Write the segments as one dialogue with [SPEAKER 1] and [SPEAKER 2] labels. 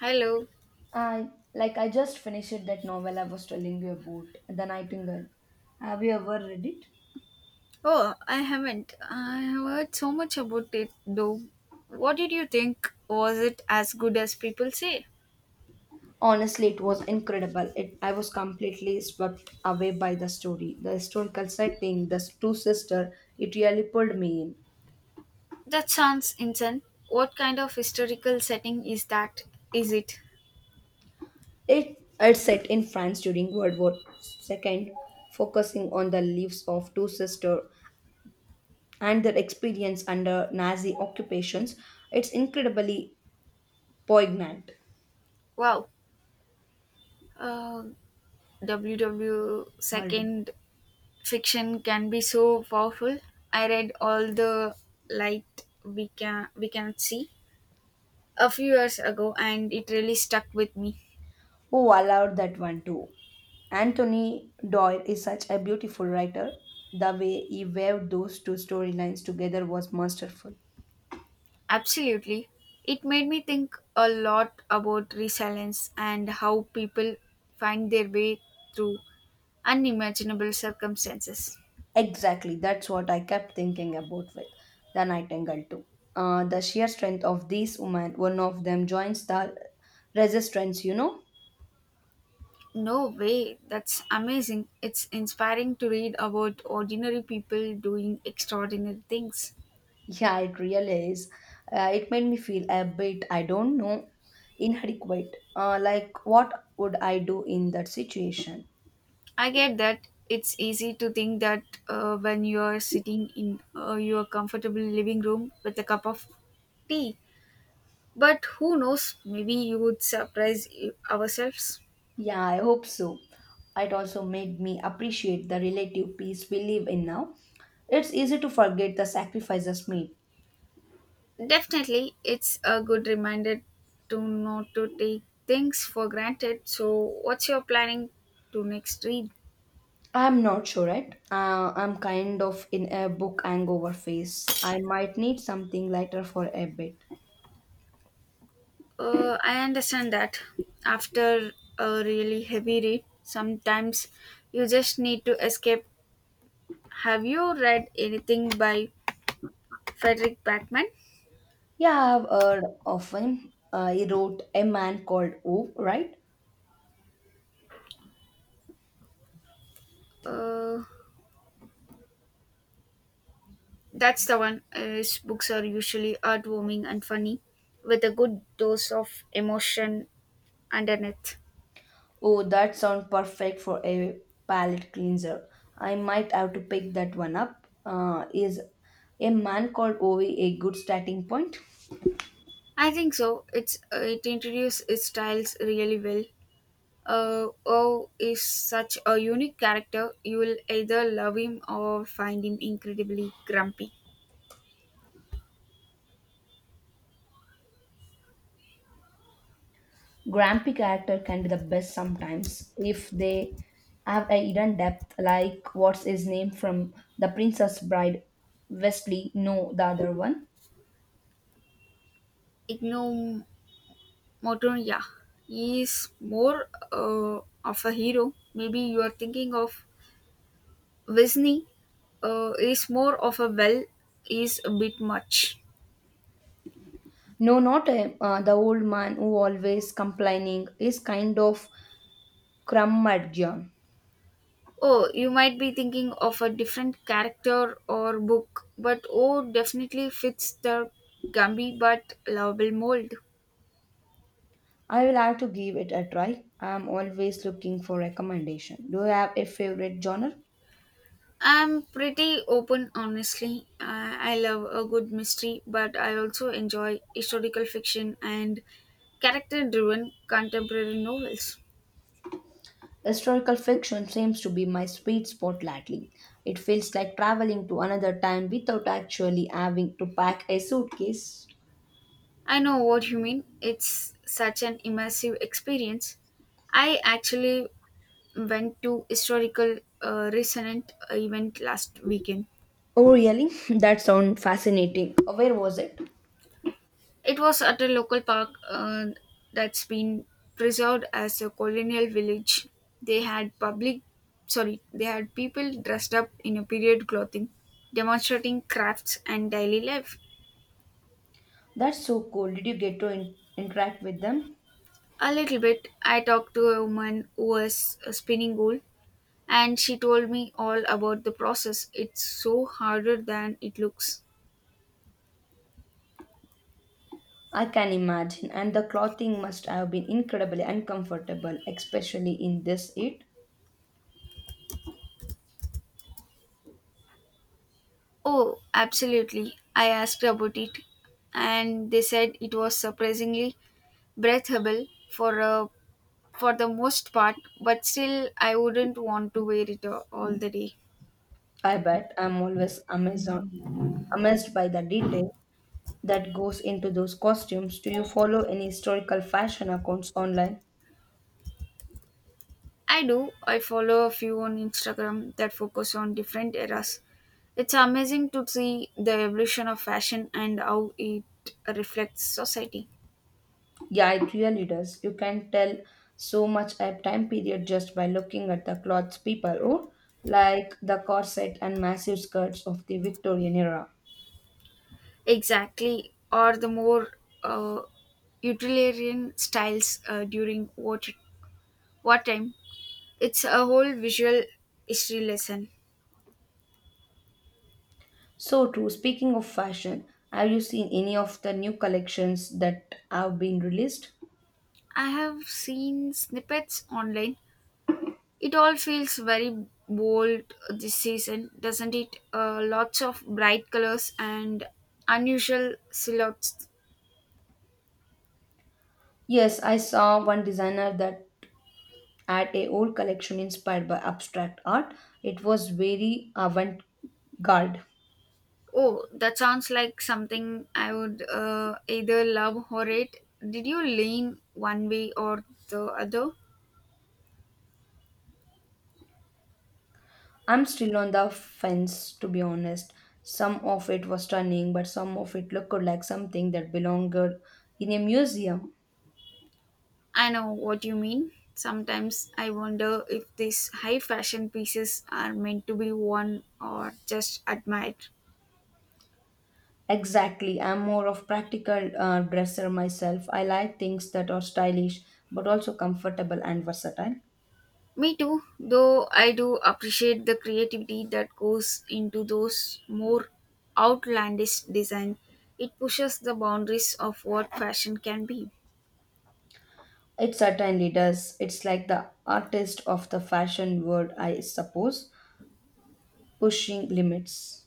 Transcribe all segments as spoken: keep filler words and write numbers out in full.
[SPEAKER 1] Hello.
[SPEAKER 2] I like I just finished that novel I was telling you about, The Nightingale. Have you ever read it?
[SPEAKER 1] Oh, I haven't. I have heard so much about it though. What did you think? Was it as good as people say?
[SPEAKER 2] Honestly, it was incredible. It I was completely swept away by the story, the historical setting, the two sisters. It really pulled me in.
[SPEAKER 1] That sounds insane. What kind of historical setting is that? Is it?
[SPEAKER 2] It it's set in France during World War Second, focusing on the lives of two sisters and their experience under Nazi occupations. It's incredibly poignant.
[SPEAKER 1] Wow. Uh, W W
[SPEAKER 2] World.
[SPEAKER 1] second fiction can be so powerful. I read all the light we can we cannot see a few years ago, and it really stuck with me.
[SPEAKER 2] Oh, I loved that one too. Anthony Doyle is such a beautiful writer. The way he wove those two storylines together was masterful.
[SPEAKER 1] Absolutely. It made me think a lot about resilience and how people find their way through unimaginable circumstances.
[SPEAKER 2] Exactly, that's what I kept thinking about with The Nightingale too. Uh, the sheer strength of these women, one of them joins the resistance, you know?
[SPEAKER 1] No way, that's amazing. It's inspiring to read about ordinary people doing extraordinary things.
[SPEAKER 2] Yeah, it really is. Uh, it made me feel a bit, I don't know, inadequate. Uh, like, what would I do in that situation?
[SPEAKER 1] I get that, it's easy to think that uh, when you're sitting in uh, your comfortable living room with a cup of tea, but who knows, maybe you would surprise you- ourselves.
[SPEAKER 2] Yeah, I hope so. It also made me appreciate the relative peace we live in now. It's easy to forget the sacrifices made.
[SPEAKER 1] Definitely, it's a good reminder to not to take things for granted. So, what's your planning to next read?
[SPEAKER 2] I'm not sure, right? Uh, I'm kind of in a book hangover phase. I might need something lighter for a bit.
[SPEAKER 1] Uh, I understand that after a really heavy read, sometimes you just need to escape. Have you read anything by Frederick Backman?
[SPEAKER 2] Yeah, I've heard of him. Uh, he wrote A Man Called O, right?
[SPEAKER 1] Uh, that's the one. Uh, His books are usually heartwarming and funny, with a good dose of emotion underneath.
[SPEAKER 2] Oh, that sounds perfect for a palate cleanser. I might have to pick that one up. Uh, is A Man Called O a good starting point?
[SPEAKER 1] I think so. It's uh, it introduces its styles really well. Uh, O is such a unique character. You will either love him or find him incredibly grumpy.
[SPEAKER 2] Grumpy character can be the best sometimes if they have a hidden depth, like what's his name from the princess bride, wesley, no, the other one.
[SPEAKER 1] Igno Motonya is more uh, of a hero. Maybe you are thinking of Wisney. Uh, is more of a well. Is a bit much.
[SPEAKER 2] No, not him. Uh, the old man who always complaining is kind of curmudgeon.
[SPEAKER 1] Oh, you might be thinking of a different character or book, but oh, definitely fits the Gumby but lovable mold.
[SPEAKER 2] I will have to give it a try. I am always looking for recommendation. Do you have a favorite genre?
[SPEAKER 1] I'm pretty open, honestly. I I love a good mystery, but I also enjoy historical fiction and character driven contemporary novels.
[SPEAKER 2] Historical fiction seems to be my sweet spot lately. It feels like traveling to another time without actually having to pack a suitcase.
[SPEAKER 1] I know what you mean. It's such an immersive experience. I actually went to historical uh, resonant event last weekend.
[SPEAKER 2] Oh, really? That sounds fascinating. Where was it?
[SPEAKER 1] It was at a local park uh, that's been preserved as a colonial village. They had public, sorry, they had people dressed up in a period clothing, demonstrating crafts and daily life.
[SPEAKER 2] That's so cool. Did you get to in- interact with them?
[SPEAKER 1] A little bit, I talked to a woman who was uh, spinning wool, and she told me all about the process. It's so harder than it looks.
[SPEAKER 2] I can imagine, and the clothing must have been incredibly uncomfortable, especially in this heat.
[SPEAKER 1] Oh, absolutely. I asked about it, and they said it was surprisingly breathable for a for the most part, but still, I wouldn't want to wear it uh, all the day.
[SPEAKER 2] I bet I'm always amazed, amazed by the detail that goes into those costumes. Do you follow any historical fashion accounts online?
[SPEAKER 1] I do. I follow a few on Instagram that focus on different eras. It's amazing to see the evolution of fashion and how it reflects society.
[SPEAKER 2] Yeah, it really does. You can tell so much a time period just by looking at the clothes people wore, like the corset and massive skirts of the Victorian era.
[SPEAKER 1] Exactly, or the more uh, utilitarian styles uh, during war, war time. It's a whole visual history lesson.
[SPEAKER 2] So true. Speaking of fashion, have you seen any of the new collections that have been released?
[SPEAKER 1] I have seen snippets online. It all feels very bold this season, doesn't it? Uh, lots of bright colors and unusual silhouettes.
[SPEAKER 2] Yes, I saw one designer that had a old collection inspired by abstract art. It was very avant-garde.
[SPEAKER 1] Oh, that sounds like something I would uh, either love or hate. Did you lean one way or the other?
[SPEAKER 2] I'm still on the fence, to be honest. Some of it was stunning, but some of it looked like something that belonged in a museum.
[SPEAKER 1] I know what you mean. Sometimes I wonder if these high fashion pieces are meant to be worn or just admired.
[SPEAKER 2] Exactly. I'm more of practical uh, dresser myself. I like things that are stylish, but also comfortable and versatile.
[SPEAKER 1] Me too, though I do appreciate the creativity that goes into those more outlandish design. It pushes the boundaries of what fashion can be.
[SPEAKER 2] It certainly does. It's like the artist of the fashion world, I suppose, pushing limits.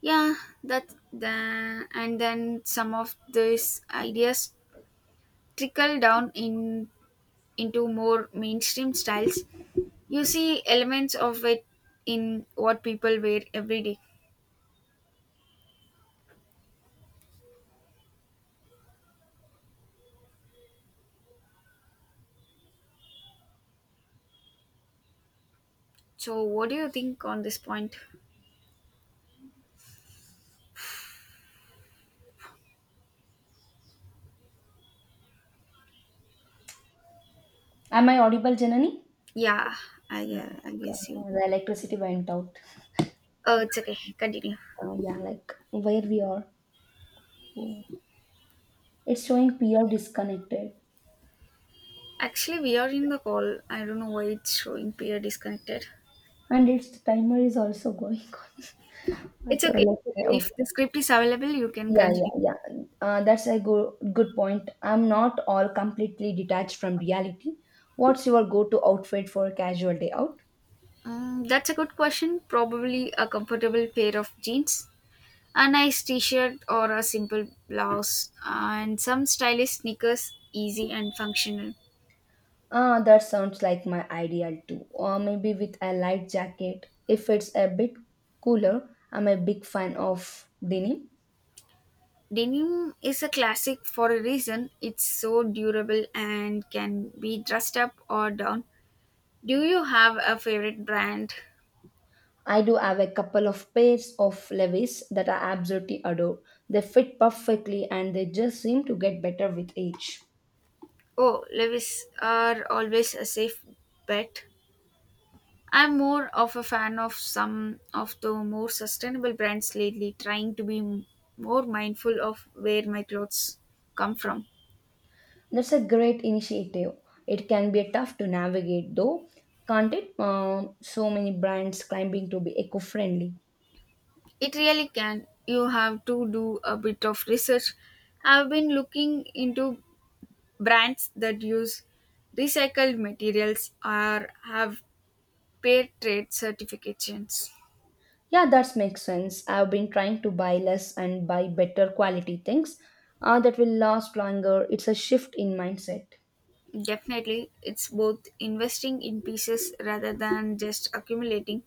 [SPEAKER 1] Yeah, that the, and then some of these ideas trickle down in into more mainstream styles. You see elements of it in what people wear every day. So, what do you think on this point?
[SPEAKER 2] Am I audible, Janani?
[SPEAKER 1] Yeah, I,
[SPEAKER 2] Like,
[SPEAKER 1] uh, I
[SPEAKER 2] uh,
[SPEAKER 1] guess you.
[SPEAKER 2] the electricity went out.
[SPEAKER 1] Oh, it's okay. Continue.
[SPEAKER 2] Uh, yeah, like where we are. It's showing peer disconnected,
[SPEAKER 1] Actually, we are in the call. I don't know why it's showing peer disconnected.
[SPEAKER 2] and its timer is also going on.
[SPEAKER 1] It's
[SPEAKER 2] Whatever.
[SPEAKER 1] okay.
[SPEAKER 2] Like, yeah,
[SPEAKER 1] If
[SPEAKER 2] okay.
[SPEAKER 1] the script is available, you can
[SPEAKER 2] Yeah,
[SPEAKER 1] continue.
[SPEAKER 2] yeah, yeah. Uh, that's a go- good point. I'm not all completely detached from reality. What's your go-to outfit for a casual day out?
[SPEAKER 1] Mm, that's a good question. Probably a comfortable pair of jeans, a nice t shirt, or a simple blouse, and some stylish sneakers, easy and functional.
[SPEAKER 2] Ah, that sounds like my ideal too. Or maybe with a light jacket. If it's a bit cooler, I'm a big fan of denim.
[SPEAKER 1] Denim is a classic for a reason. It's so durable and can be dressed up or down. Do you have a favorite brand?
[SPEAKER 2] I do have a couple of pairs of levis that I absolutely adore. They fit perfectly and they just seem to get better with age.
[SPEAKER 1] Oh, Levis are always a safe bet. I'm more of a fan of some of the more sustainable brands lately, trying to be m- more mindful of where my clothes come from.
[SPEAKER 2] That's a great initiative. It can be tough to navigate though, can't it? Uh, so many brands claiming to be eco friendly.
[SPEAKER 1] It really can. You have to do a bit of research. I've been looking into brands that use recycled materials or have fair trade certifications.
[SPEAKER 2] Yeah, that makes sense. I've been trying to buy less and buy better quality things uh, that will last longer. It's a shift in mindset.
[SPEAKER 1] Definitely, it's both investing in pieces rather than just accumulating.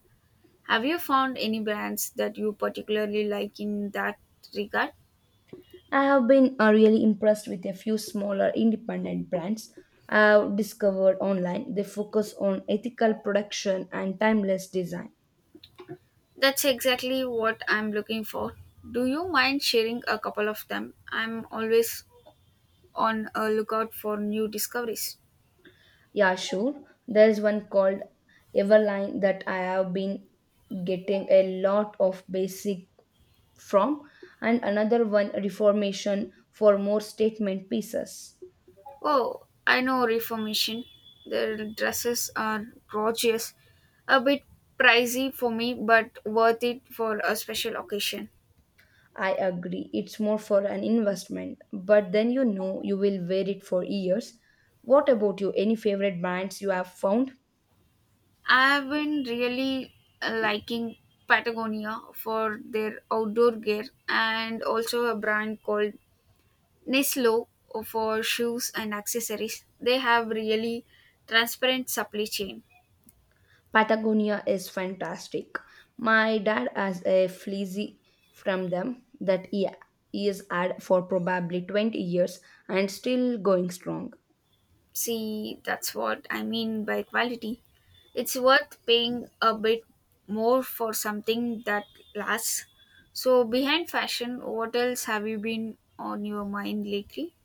[SPEAKER 1] Have you found any brands that you particularly like in that regard?
[SPEAKER 2] I have been uh, really impressed with a few smaller independent brands I've discovered online. They focus on ethical production and timeless design.
[SPEAKER 1] That's exactly what I'm looking for. Do you mind sharing a couple of them? I'm always on a lookout for new discoveries.
[SPEAKER 2] Yeah, sure. There's one called Everline that I have been getting a lot of basic from, and another one Reformation for more statement pieces.
[SPEAKER 1] Oh, I know Reformation. Their dresses are gorgeous. A bit pricey for me, but worth it for a special occasion.
[SPEAKER 2] I agree, it's more for an investment, but then you know you will wear it for years. What about you? Any favorite brands you have found?
[SPEAKER 1] I've been really uh, liking Patagonia for their outdoor gear, and also a brand called Neslo for shoes and accessories. They have really transparent supply chain.
[SPEAKER 2] Patagonia is fantastic. My dad has a fleecy from them that he, he has had for probably twenty years and still going strong.
[SPEAKER 1] See, that's what I mean by quality. It's worth paying a bit more for something that lasts. So, behind fashion, what else have you been on your mind lately?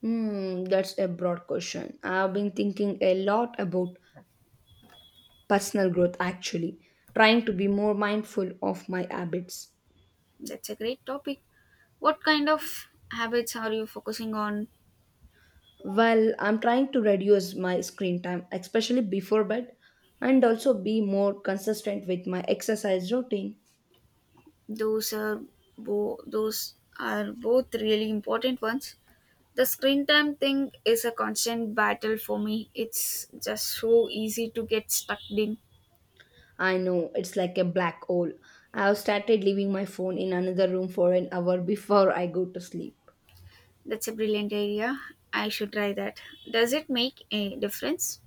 [SPEAKER 2] Hmm, that's a broad question. I've been thinking a lot about personal growth actually, trying to be more mindful of my habits.
[SPEAKER 1] That's a great topic. What kind of habits are you focusing on?
[SPEAKER 2] Well, I'm trying to reduce my screen time, especially before bed, and also be more consistent with my exercise routine.
[SPEAKER 1] Those are bo- those are both really important ones. The screen time thing is a constant battle for me. It's just so easy to get stuck in.
[SPEAKER 2] I know it's like a black hole. I've started leaving my phone in another room for an hour before I go to sleep.
[SPEAKER 1] That's a brilliant idea. I should try that. Does it make a difference?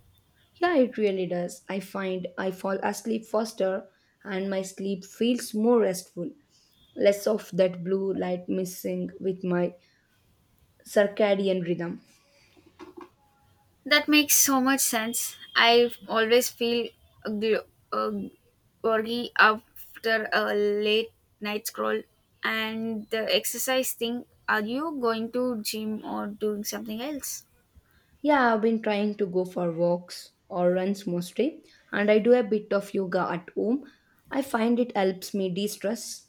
[SPEAKER 2] Yeah, it really does. I find I fall asleep faster and my sleep feels more restful, less of that blue light missing with my circadian rhythm.
[SPEAKER 1] That makes so much sense. I always feel gl- uh, groggy after a late night scroll. And the exercise thing, are you going to gym or doing something else?
[SPEAKER 2] Yeah, I've been trying to go for walks or runs mostly, and I do a bit of yoga at home. I find it helps me de-stress.